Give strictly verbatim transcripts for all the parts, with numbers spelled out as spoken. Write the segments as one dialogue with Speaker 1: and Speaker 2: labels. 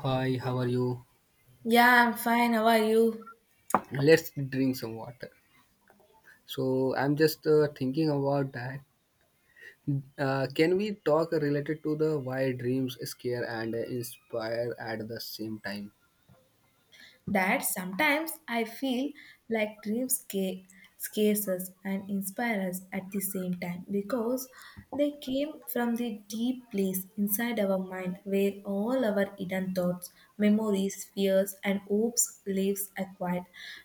Speaker 1: Hi, how are you?
Speaker 2: Yeah, I'm fine. How are you?
Speaker 1: Let's drink some water. So I'm just uh, thinking about that. Uh, can we talk related to the why dreams scare and inspire at the same time?
Speaker 2: That sometimes I feel like dreams ca- scares us and inspire us at the same time because they came from the deep place inside our mind where all our hidden thoughts, memories, fears, and hopes lives are quiet.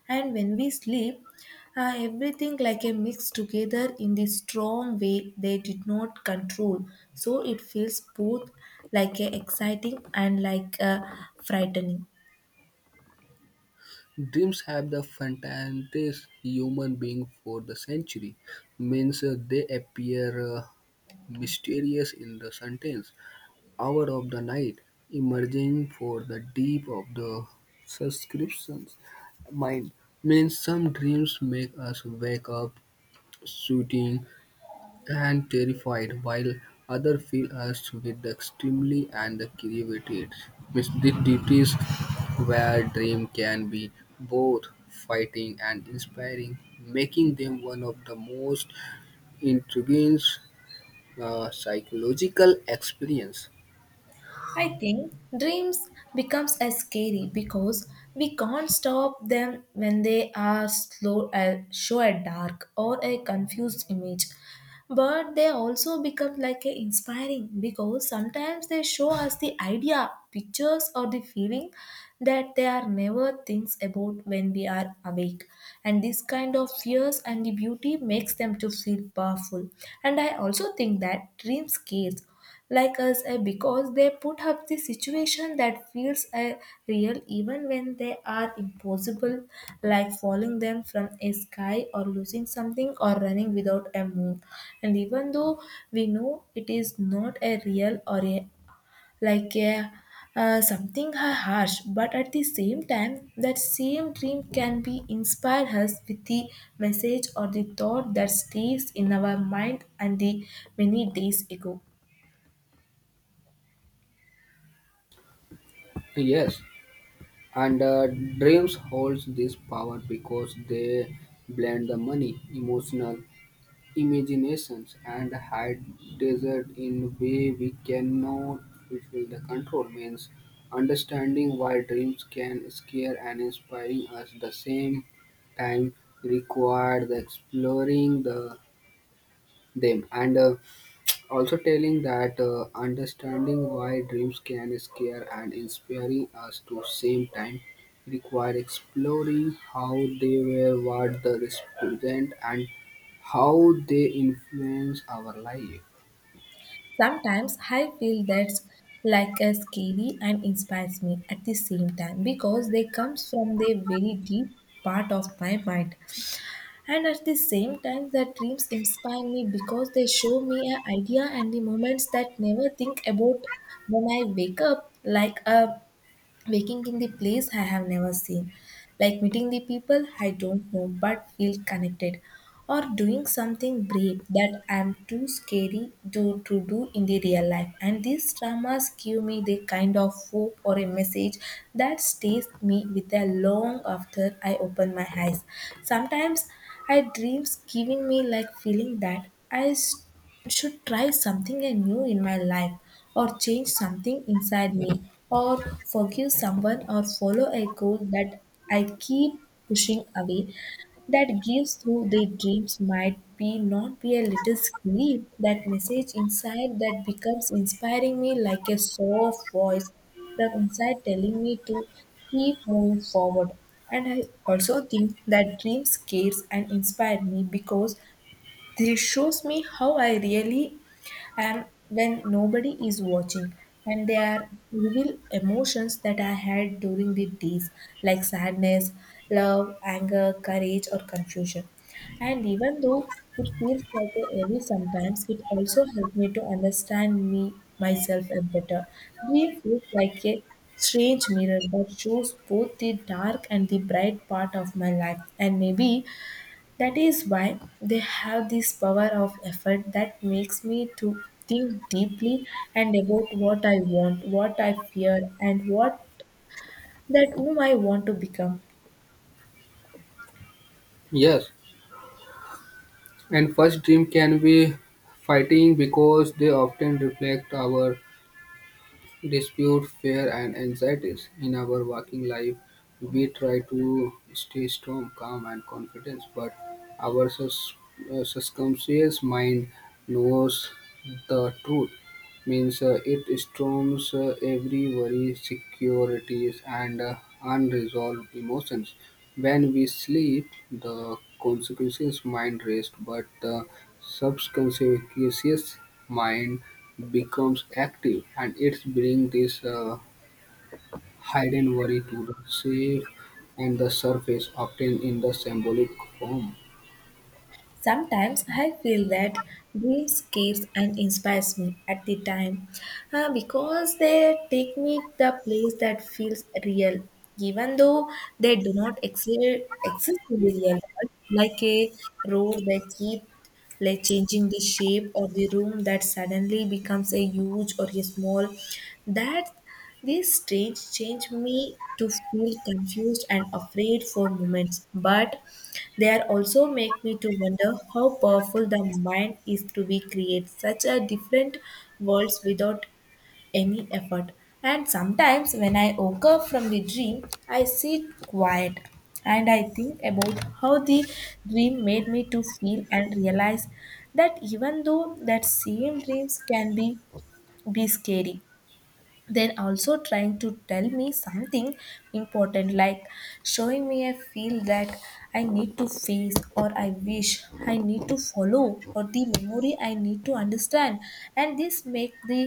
Speaker 2: And when we sleep, uh, everything like a mix together in the strong way they did not control. So it feels both like a exciting and like a frightening.
Speaker 1: Dreams have the fantastic human being for the century. Means uh, they appear uh, mysterious in the sentence hour of the night, emerging for the deep of the subscription's mind. Means some dreams make us wake up shooting and terrified, while other fill us with the extremely and the creativity. Means the duties where dream can be both fighting and inspiring, making them one of the most intriguing uh, psychological experience.
Speaker 2: I think dreams becomes as scary because we can't stop them when they are slow uh, show a dark or a confused image. But they also become like a inspiring because sometimes they show us the idea, pictures or the feeling that they are never thinks about when we are awake. And this kind of fears and the beauty makes them to feel powerful. And I also think that dreams scares like us eh, because they put up the situation that feels eh, real even when they are impossible, like falling them from a sky or losing something or running without a move. And even though we know it is not a real or a like a uh, something ha- harsh, but at the same time, that same dream can be inspire us with the message or the thought that stays in our mind and the many days ago.
Speaker 1: Yes, and uh, dreams holds this power because they blend the money, emotional imaginations, and hide desert in way we cannot fulfill the control means understanding why dreams can scare and inspiring us the same time require the exploring the them and uh, also telling that uh, understanding why dreams can scare and inspiring us to same time require exploring how they were what they represent and how they influence our life.
Speaker 2: Sometimes I feel that's like a scary and inspires me at the same time because they comes from the very deep part of my mind. And at the same time the dreams inspire me because they show me an idea and the moments that never think about when I wake up, like a waking in the place I have never seen, like meeting the people I don't know but feel connected, or doing something brave that I'm too scary to, to do in the real life. And these dramas give me the kind of hope or a message that stays me with a long after I open my eyes. Sometimes I dreams giving me like feeling that I should try something new in my life, or change something inside me, or forgive someone, or follow a goal that I keep pushing away. That gives through the dreams might be not be a little scary, that message inside that becomes inspiring me like a soft voice from inside telling me to keep moving forward. And I also think that dreams scares and inspire me because this shows me how I really am when nobody is watching, and they are real emotions that I had during the days, like sadness, love, anger, courage, or confusion. And even though it feels like a heavy sometimes, it also helped me to understand me myself a better. Grief feels like a strange mirror that shows both the dark and the bright part of my life, and maybe that is why they have this power of effort that makes me to think deeply and about what I want, what I fear, and what that whom I want to become.
Speaker 1: Yes, and first dream can be fighting because they often reflect our dispute, fear, and anxieties. In our working life, we try to stay strong, calm, and confident, but our sus- uh, subconscious mind knows the truth. Means uh, it storms uh, every worry, securities, and uh, unresolved emotions. When we sleep, the consequences mind rest, but the subconscious mind becomes active, and it brings this uh, hidden worry to the safe and the surface, often in the symbolic form.
Speaker 2: Sometimes I feel that dreams scares and inspires me at the time, uh, because they take me to the place that feels real, even though they do not exist, exist in the real world, like a road that keeps like changing the shape or the room that suddenly becomes a huge or a small. That this strange change me to feel confused and afraid for moments, but they are also make me to wonder how powerful the mind is to be create such a different worlds without any effort. And sometimes when I wake up from the dream, I sit quiet and I think about how the dream made me to feel and realize that even though that same dreams can be be scary, they're also trying to tell me something important, like showing me a feel that I need to face, or I wish I need to follow, or the memory I need to understand. And this make the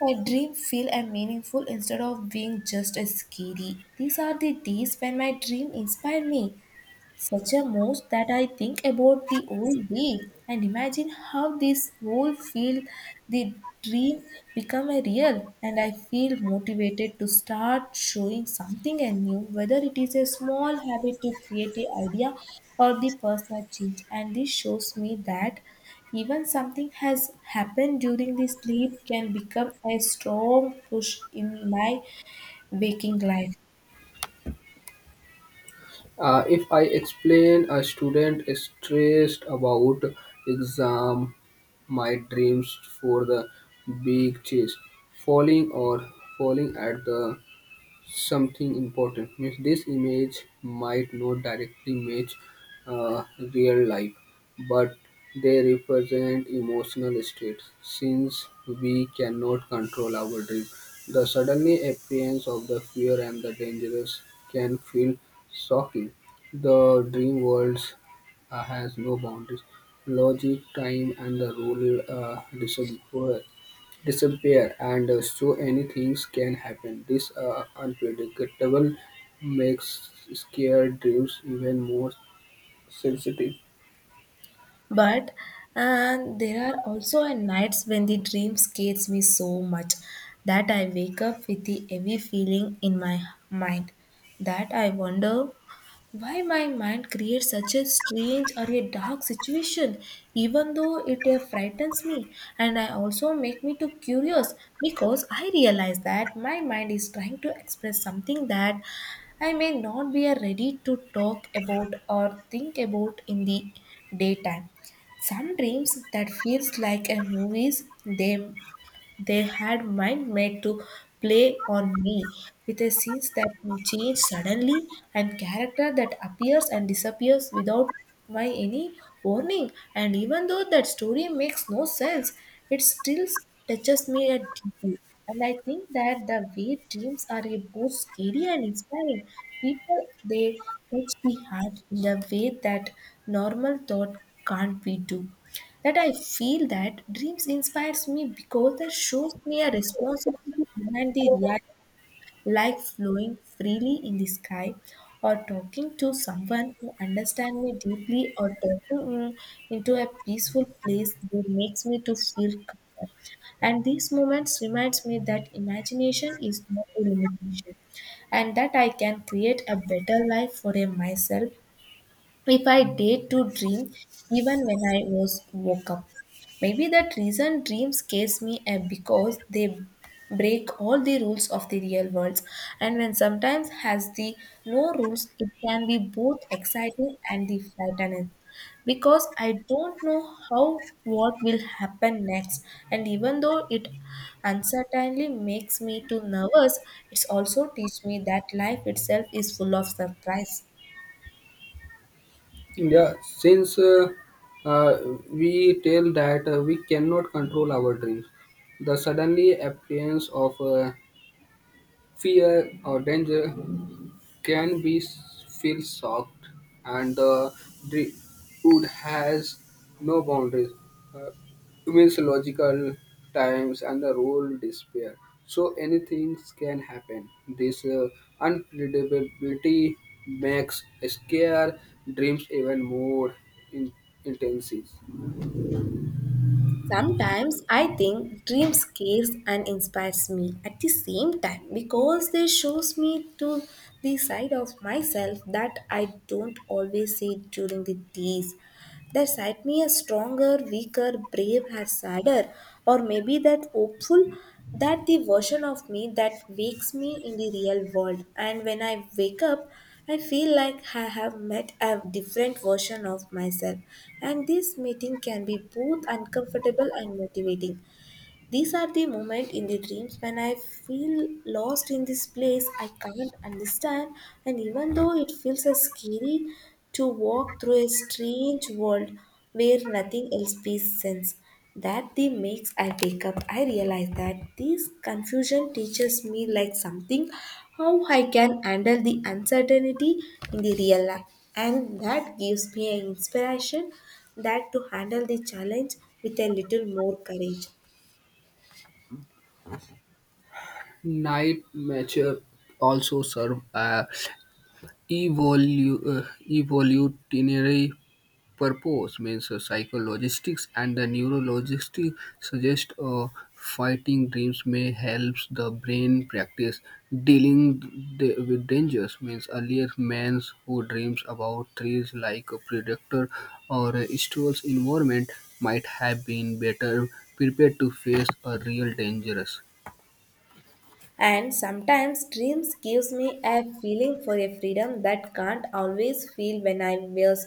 Speaker 2: my dream feel and meaningful instead of being just a scary. These are the days when my dream inspire me such a most that I think about the old day and imagine how this whole field, the dream become a real, and I feel motivated to start showing something new, whether it is a small habit to create a idea or the personal change. And this shows me that even something has happened during the sleep can become a strong push in my waking life.
Speaker 1: Uh, if I explain a student is stressed about exam, my dreams for the big chase, falling or falling at the something important. Means this image might not directly match uh, real life, but they represent emotional states. Since we cannot control our dream, the suddenly appearance of the fear and the dangerous can feel shocking. The dream worlds uh, has no boundaries. Logic, time, and the rule uh, disappear disappear, and uh, so any things can happen. This uh, unpredictable makes scare dreams even more sensitive.
Speaker 2: But and there are also a nights when the dream scares me so much that I wake up with the heavy feeling in my mind, that I wonder why my mind creates such a strange or a dark situation. Even though it uh, frightens me and I also make me too curious, because I realize that my mind is trying to express something that I may not be uh, ready to talk about or think about in the daytime. Some dreams that feels like a movies, they they had mind made to play on me, with a scenes that will change suddenly and character that appears and disappears without my any warning. And even though that story makes no sense, it still touches me at deeply. And I think that the way dreams are a both scary and inspiring, people they touch the heart in a way that normal thought can't be do. That I feel that dreams inspires me because they shows me a responsibility behind the reality, like flowing freely in the sky, or talking to someone who understands me deeply, or talking mm, into a peaceful place that makes me to feel calmer. And these moments reminds me that imagination is not a limitation, and that I can create a better life for a myself if I dared to dream even when I was woke up. Maybe that reason dreams scares me, eh, because they break all the rules of the real world. And when sometimes has the no rules, it can be both exciting and the frightening, because I don't know how what will happen next. And even though it uncertainly makes me too nervous, it's also teach me that life itself is full of surprise.
Speaker 1: Yeah, since uh, uh, we tell that uh, we cannot control our dreams, the suddenly appearance of uh, fear or danger can be s- feel shocked, and uh, the dri- wood has no boundaries. Uh, mythological times and the rule despair. So anything can happen. This uh, unpredictability makes scare dreams even more in- intense.
Speaker 2: Sometimes I think dream scares and inspires me at the same time because they shows me to the side of myself that I don't always see during the days, that side me as stronger, weaker, brave, or sadder, or maybe that hopeful, that the version of me that wakes me in the real world. And when I wake up, I feel like I have met a different version of myself. And this meeting can be both uncomfortable and motivating. These are the moments in the dreams when I feel lost in this place I can't understand, and even though it feels uh, scary to walk through a strange world where nothing else makes sense. That the makes I wake up. I realize that this confusion teaches me like something, how I can handle the uncertainty in the real life, and that gives me an inspiration that to handle the challenge with a little more courage.
Speaker 1: Night nature also serve a evolu- uh, evolutionary purpose means uh, psychologistics and the neurologistics suggest uh, fighting dreams may help the brain practice dealing d- with dangers means earlier men who dreams about trees like a predator or a stressful environment might have been better prepared to face a real dangerous.
Speaker 2: And sometimes dreams gives me a feeling for a freedom that can't always feel when I was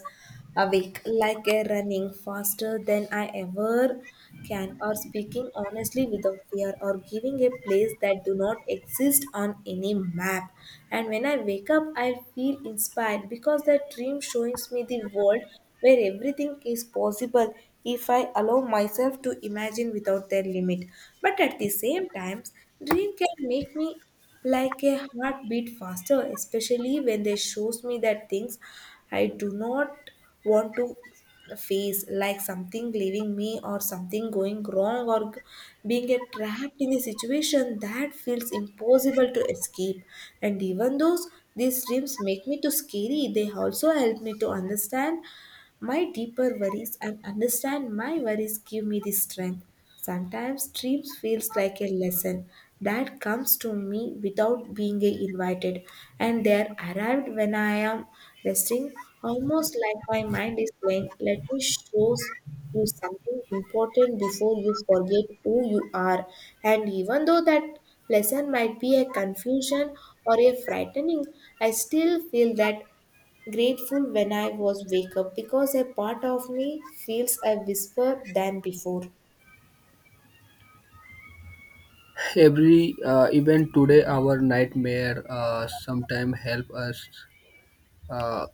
Speaker 2: awake, like a running faster than I ever can, or speaking honestly without fear, or giving a place that do not exist on any map. And when I wake up, I feel inspired because that dream shows me the world where everything is possible if I allow myself to imagine without their limit. But at the same time, dream can make me like a heartbeat faster, especially when they shows me that things I do not want to face, like something leaving me, or something going wrong, or g- being a trapped in a situation that feels impossible to escape. And even though these dreams make me too scary, they also help me to understand my deeper worries, and understand my worries give me the strength. Sometimes dreams feels like a lesson that comes to me without being invited, and they are arrived when I am resting, almost like my mind is saying, let me show you something important before you forget who you are. And even though that lesson might be a confusion or a frightening, I still feel that Grateful when I was wake up, because a part of me feels a whisper than before.
Speaker 1: Every uh, event today our nightmare uh, sometime help us uh,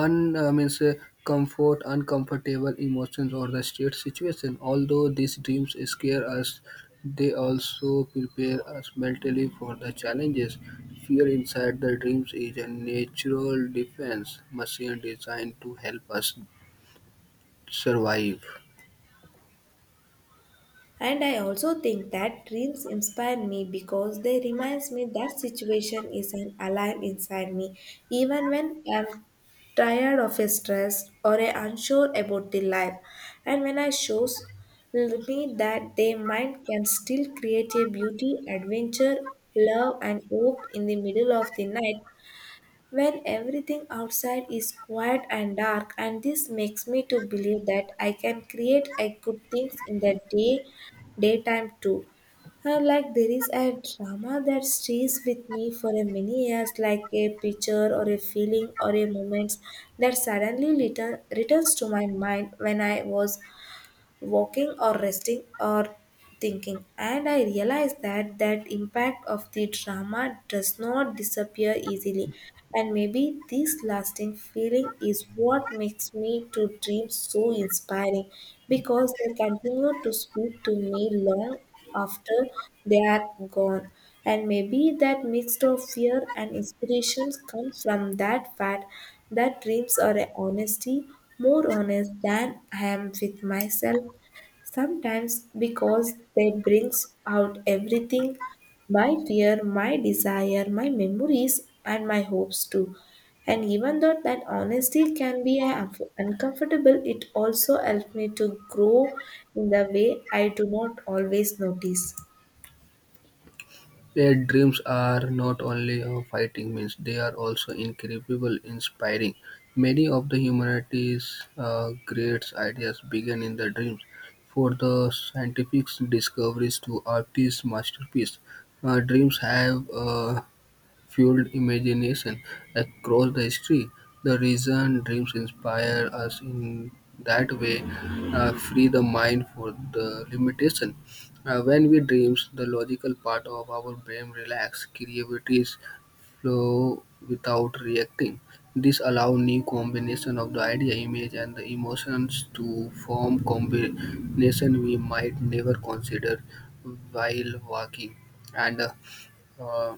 Speaker 1: un uh, means uh, comfort, uncomfortable emotions, or the state situation. Although these dreams scare us, they also prepare us mentally for the challenges. Fear inside the dreams is a natural defense machine designed to help us survive.
Speaker 2: And I also think that dreams inspire me because they reminds me that situation is an alarm inside me, even when I'm tired of a stress or a unsure about the life. And when I shows me that their mind can still create a beauty, adventure, love and hope in the middle of the night, when everything outside is quiet and dark, and this makes me to believe that I can create a good things in the day daytime too. Uh, like there is a drama that stays with me for a many years, like a picture or a feeling or a moment that suddenly return, returns to my mind when I was walking or resting or thinking, and I realized that that impact of the drama does not disappear easily. And maybe this lasting feeling is what makes me to dream so inspiring, because they continue to speak to me long after they are gone. And maybe that mixed of fear and inspirations comes from that fact that dreams are a honesty, more honest than I am with myself sometimes, because they brings out everything: my fear, my desire, my memories and my hopes too. And even though that honesty can be un- uncomfortable, it also helps me to grow in the way I do not always notice.
Speaker 1: Their dreams are not only of fighting means, they are also incredible, inspiring. Many of the humanity's uh, great ideas began in the dreams. For the scientific discoveries to artists' masterpiece, uh, dreams have uh, fueled imagination across the history. The reason dreams inspire us in that way uh, free the mind for the limitation. Uh, when we dreams, the logical part of our brain relax, creativity flow without reacting. This allow new combination of the idea, image, and the emotions to form combination we might never consider while walking. And uh, uh,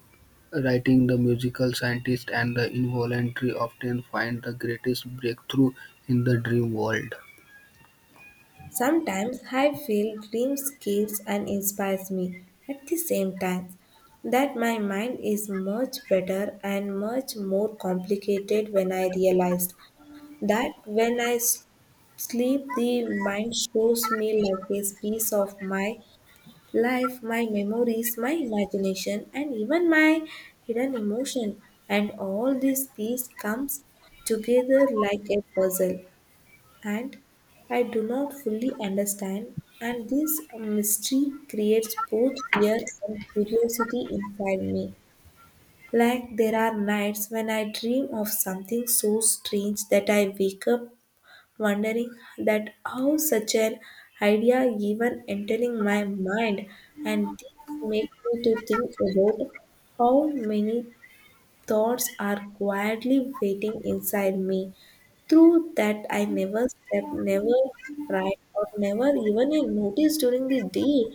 Speaker 1: writing the musical scientist and the involuntary often find the greatest breakthrough in the dream world.
Speaker 2: Sometimes I feel dreams gives and inspires me at the same time, that my mind is much better and much more complicated when I realized that when I s- sleep, the mind shows me like a piece of my life, my memories, my imagination and even my hidden emotion, and all these piece comes together like a puzzle, and I do not fully understand, and this mystery creates both fear and curiosity inside me. Like there are nights when I dream of something so strange that I wake up wondering that how such an idea even entering my mind, and this makes me to think about how many thoughts are quietly waiting inside me. Through that I never slept, never write, or never even notice during the day.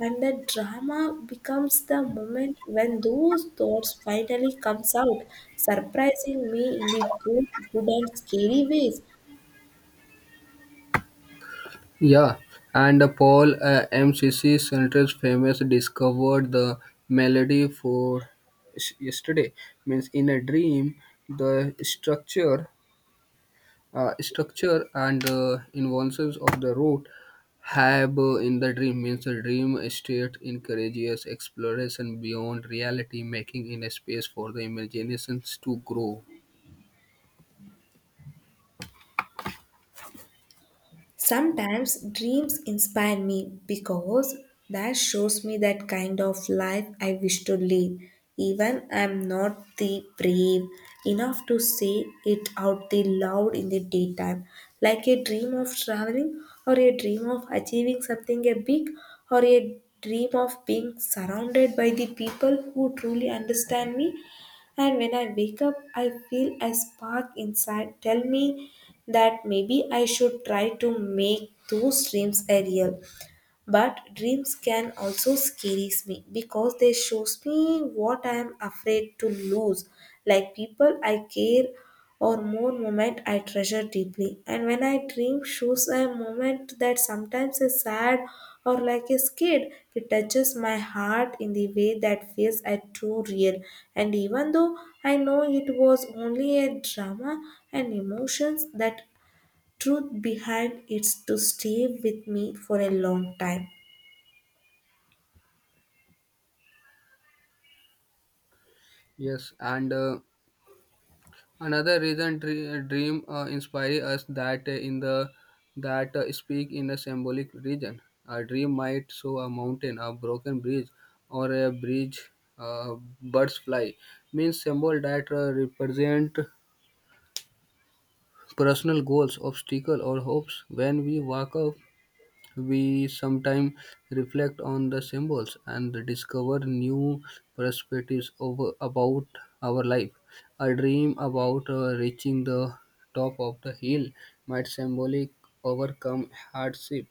Speaker 2: And the drama becomes the moment when those thoughts finally comes out, surprising me in the both good and scary ways.
Speaker 1: Yeah, and Paul uh, M C C Center's famous discovered the melody for s- yesterday. Means in a dream, the structure Uh, structure and uh, inventions of the route have uh, in the dream means the dream state encourages exploration beyond reality, making in a space for the imaginations to grow.
Speaker 2: Sometimes dreams inspire me because that shows me that kind of life I wish to live. Even I'm not the brave enough to say it out the loud in the daytime. Like a dream of traveling, or a dream of achieving something a big, or a dream of being surrounded by the people who truly understand me, and when I wake up, I feel a spark inside tell me that maybe I should try to make those dreams a real. But dreams can also scares me because they shows me what I am afraid to lose, like people I care or more moment I treasure deeply. And when I dream shows a moment that sometimes is sad or like a scared, it touches my heart in the way that feels a true real. And even though I know it was only a drama and emotions that truth behind it's to stay with me for a long time.
Speaker 1: Yes, and uh, another reason dre- dream uh, inspire us that uh, in the that uh, speak in a symbolic region. A dream might show a mountain, a broken bridge, or a bridge uh, birds fly. Means symbol that uh, represent personal goals, obstacles, or hopes when we walk up we sometimes reflect on the symbols and discover new perspectives over, about our life. A dream about uh, reaching the top of the hill might symbolically overcome hardship.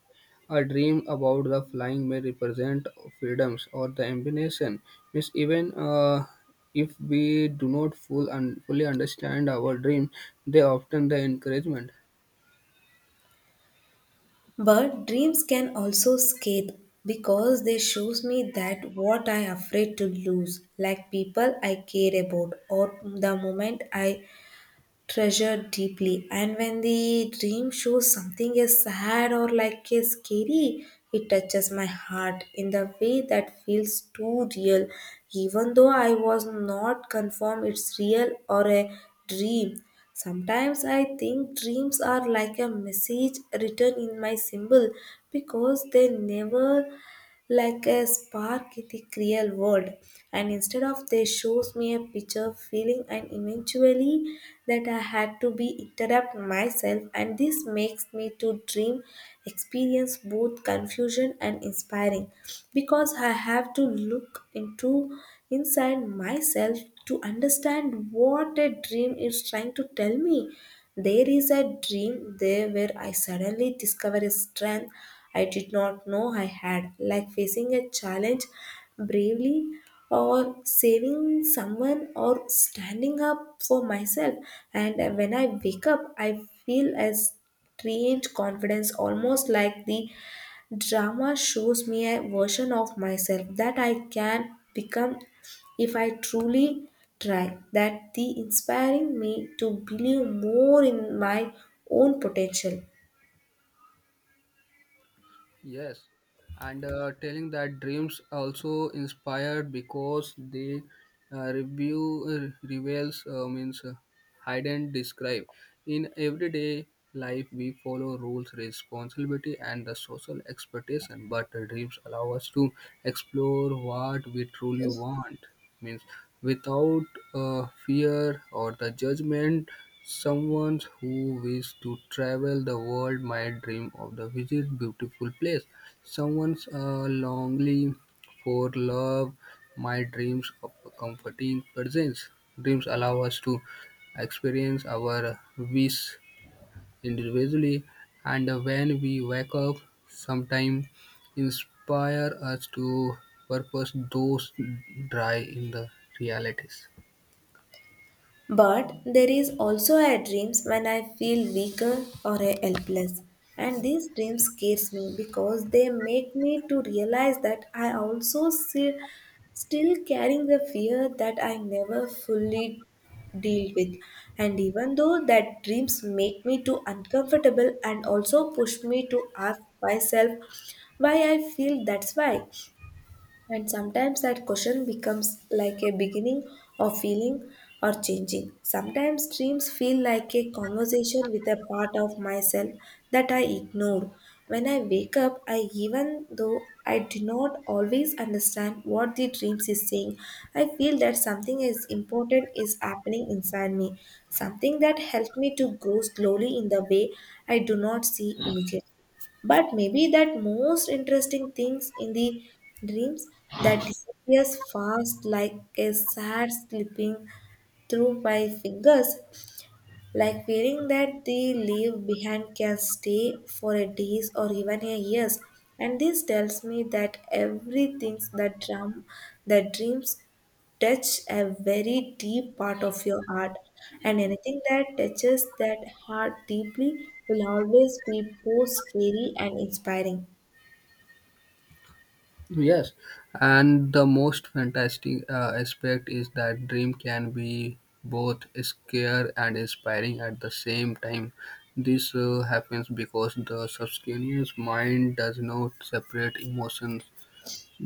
Speaker 1: A dream about the flying may represent freedoms or the ambition. Means even uh, if we do not full and fully understand our dream, they often the encouragement.
Speaker 2: But dreams can also scathe because they shows me that what I am afraid to lose, like people I care about or the moment I treasured deeply. And when the dream shows something is sad or like is scary, it touches my heart in the way that feels too real. Even though I was not confirmed it's real or a dream. Sometimes I think dreams are like a message written in my symbol, because they never like a spark in the real world, and instead of they shows me a picture feeling and eventually that I had to be interrupt myself, and this makes me to dream experience both confusion and inspiring, because I have to look into inside myself to understand what a dream is trying to tell me. There is a dream there where I suddenly discover a strength I did not know I had, like facing a challenge bravely, or saving someone, or standing up for myself. And when I wake up, I feel a strange confidence, almost like the drama shows me a version of myself that I can become if I truly try. That the inspiring me to believe more in my own potential.
Speaker 1: Yes, and uh, telling that dreams also inspired because they uh, review uh, reveals uh, means uh, hide and describe. In everyday life, we follow rules, responsibility, and the social expectation, but uh, dreams allow us to explore what we truly want means without uh, fear or the judgment. Someone who wishes to travel the world might dream of the visit beautiful place. Someone's uh, longing for love might dreams of a comforting presence. Dreams allow us to experience our wish individually, and when we wake up sometimes inspire us to purpose those dry in the realities.
Speaker 2: But there is also a dreams when I feel weaker or a helpless. And these dreams scares me because they make me to realize that I also see, still carrying the fear that I never fully deal with. And even though that dreams make me to uncomfortable and also push me to ask myself why I feel that's why. And sometimes that question becomes like a beginning of feeling or changing. Sometimes dreams feel like a conversation with a part of myself that I ignore. When I wake up, I even though I do not always understand what the dreams is saying, I feel that something is important is happening inside me, something that helped me to grow slowly in the way I do not see immediately. But maybe that most interesting things in the dreams that disappears fast like a sad slipping through my fingers, like feeling that they leave behind can stay for a days or even a years, and this tells me that everything that drum that dreams touch a very deep part of your heart, and anything that touches that heart deeply will always be both scary and inspiring.
Speaker 1: Yes, and the most fantastic uh, aspect is that dream can be both scare and inspiring at the same time. This uh, happens because the subconscious mind does not separate emotions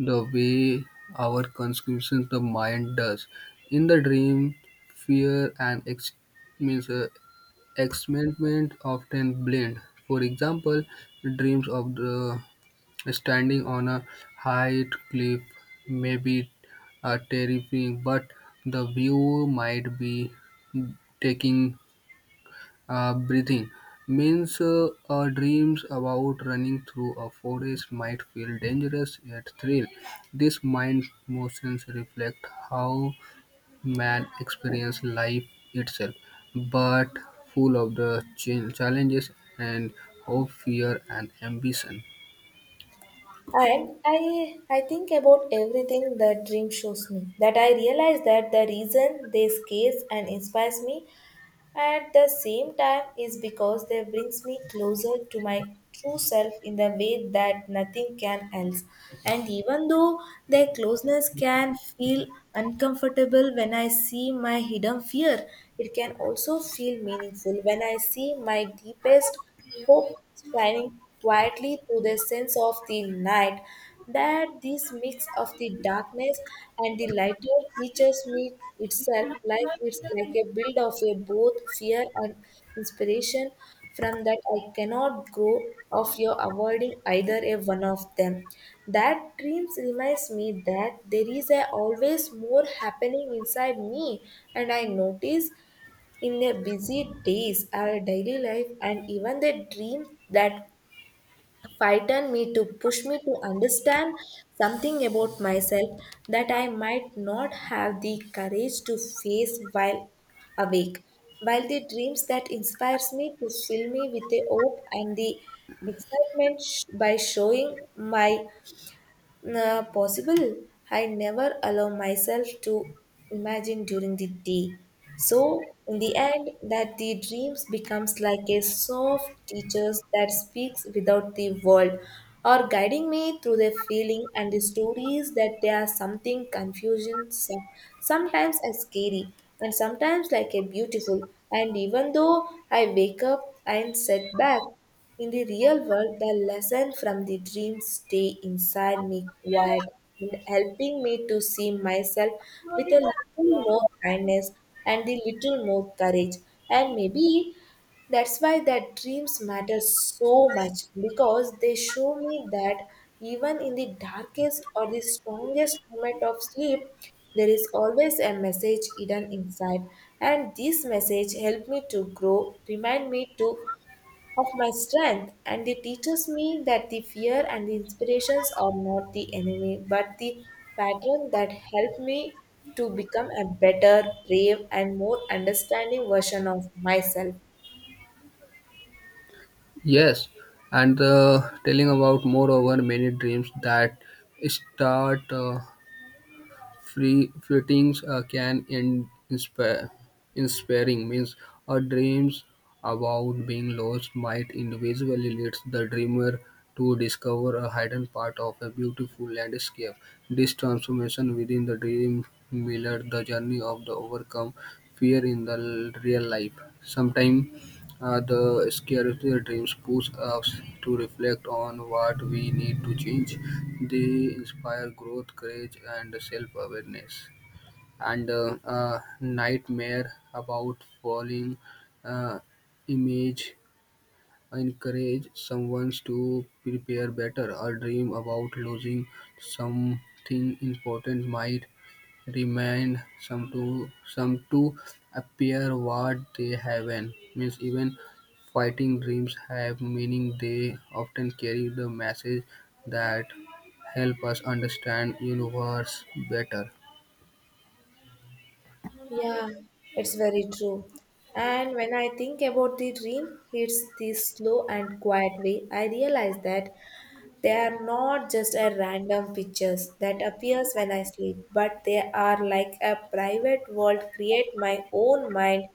Speaker 1: the way our consumption the mind does. In the dream, fear and ex- means uh, excitement often blend. For example, dreams of the standing on a high cliff may be uh, terrifying, but the view might be taking uh, breathing means uh, uh, dreams about running through a forest might feel dangerous yet thrill. These mind motions reflect how man experiences life itself, but full of the ch- challenges and hope, fear, and ambition.
Speaker 2: And i i think about everything that dream shows me that I realize that the reason they scares and inspires me at the same time, is because they brings me closer to my true self in the way that nothing can else. And even though their closeness can feel uncomfortable when I see my hidden fear, it can also feel meaningful when I see my deepest hope shining quietly through the sense of the night, that this mix of the darkness and the lighter teaches me itself, like it's like a build of a both fear and inspiration from that I cannot grow of your avoiding either a one of them. That dreams reminds me that there is a always more happening inside me and I notice in their busy days, our daily life, and even the dreams that frighten me to push me to understand something about myself that I might not have the courage to face while awake. While the dreams that inspires me to fill me with a hope and the excitement sh- by showing my nah, possible. I never allow myself to imagine during the day. So, in the end, that the dreams becomes like a soft teacher that speaks without the world, or guiding me through the feeling and the stories that there are something confusion, so- sometimes as scary, and sometimes like a beautiful. And even though I wake up and set back. In the real world, the lesson from the dream stay inside me quiet and helping me to see myself with a little more kindness and a little more courage. And maybe that's why that dreams matter so much, because they show me that even in the darkest or the strongest moment of sleep, there is always a message hidden inside. And this message helped me to grow, remind me to of my strength, and it teaches me that the fear and the inspirations are not the enemy, but the pattern that help me to become a better, brave, and more understanding version of myself.
Speaker 1: Yes, and uh, telling about moreover many dreams that start. Uh, free fittings uh, can in, inspire inspiring means our dreams about being lost might individually leads the dreamer to discover a hidden part of a beautiful landscape. This transformation within the dream mirror the journey of the overcome fear in the l- real life. Sometimes uh, the scarcity dreams push us to reflect on what we need to change. They inspire growth, courage, and self awareness. And uh, uh, nightmare about falling uh, image encourage someone to prepare better. A dream about losing something important might remained some to some to appear what they haven't. Means even fighting dreams have meaning. They often carry the message that help us understand universe better.
Speaker 2: Yeah, it's very true. And when I think about the dream, it's the slow and quiet way. I realize that they are not just a random pictures that appears when I sleep, but they are like a private world create my own mind,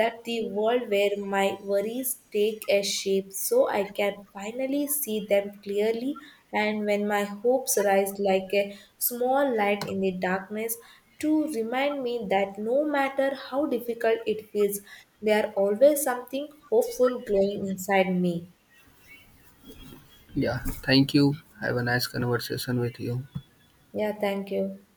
Speaker 2: that the world where my worries take a shape so I can finally see them clearly, and when my hopes rise like a small light in the darkness to remind me that no matter how difficult it feels, there are always something hopeful glowing inside me.
Speaker 1: Yeah, thank you. Have a nice conversation with you.
Speaker 2: Yeah, thank you.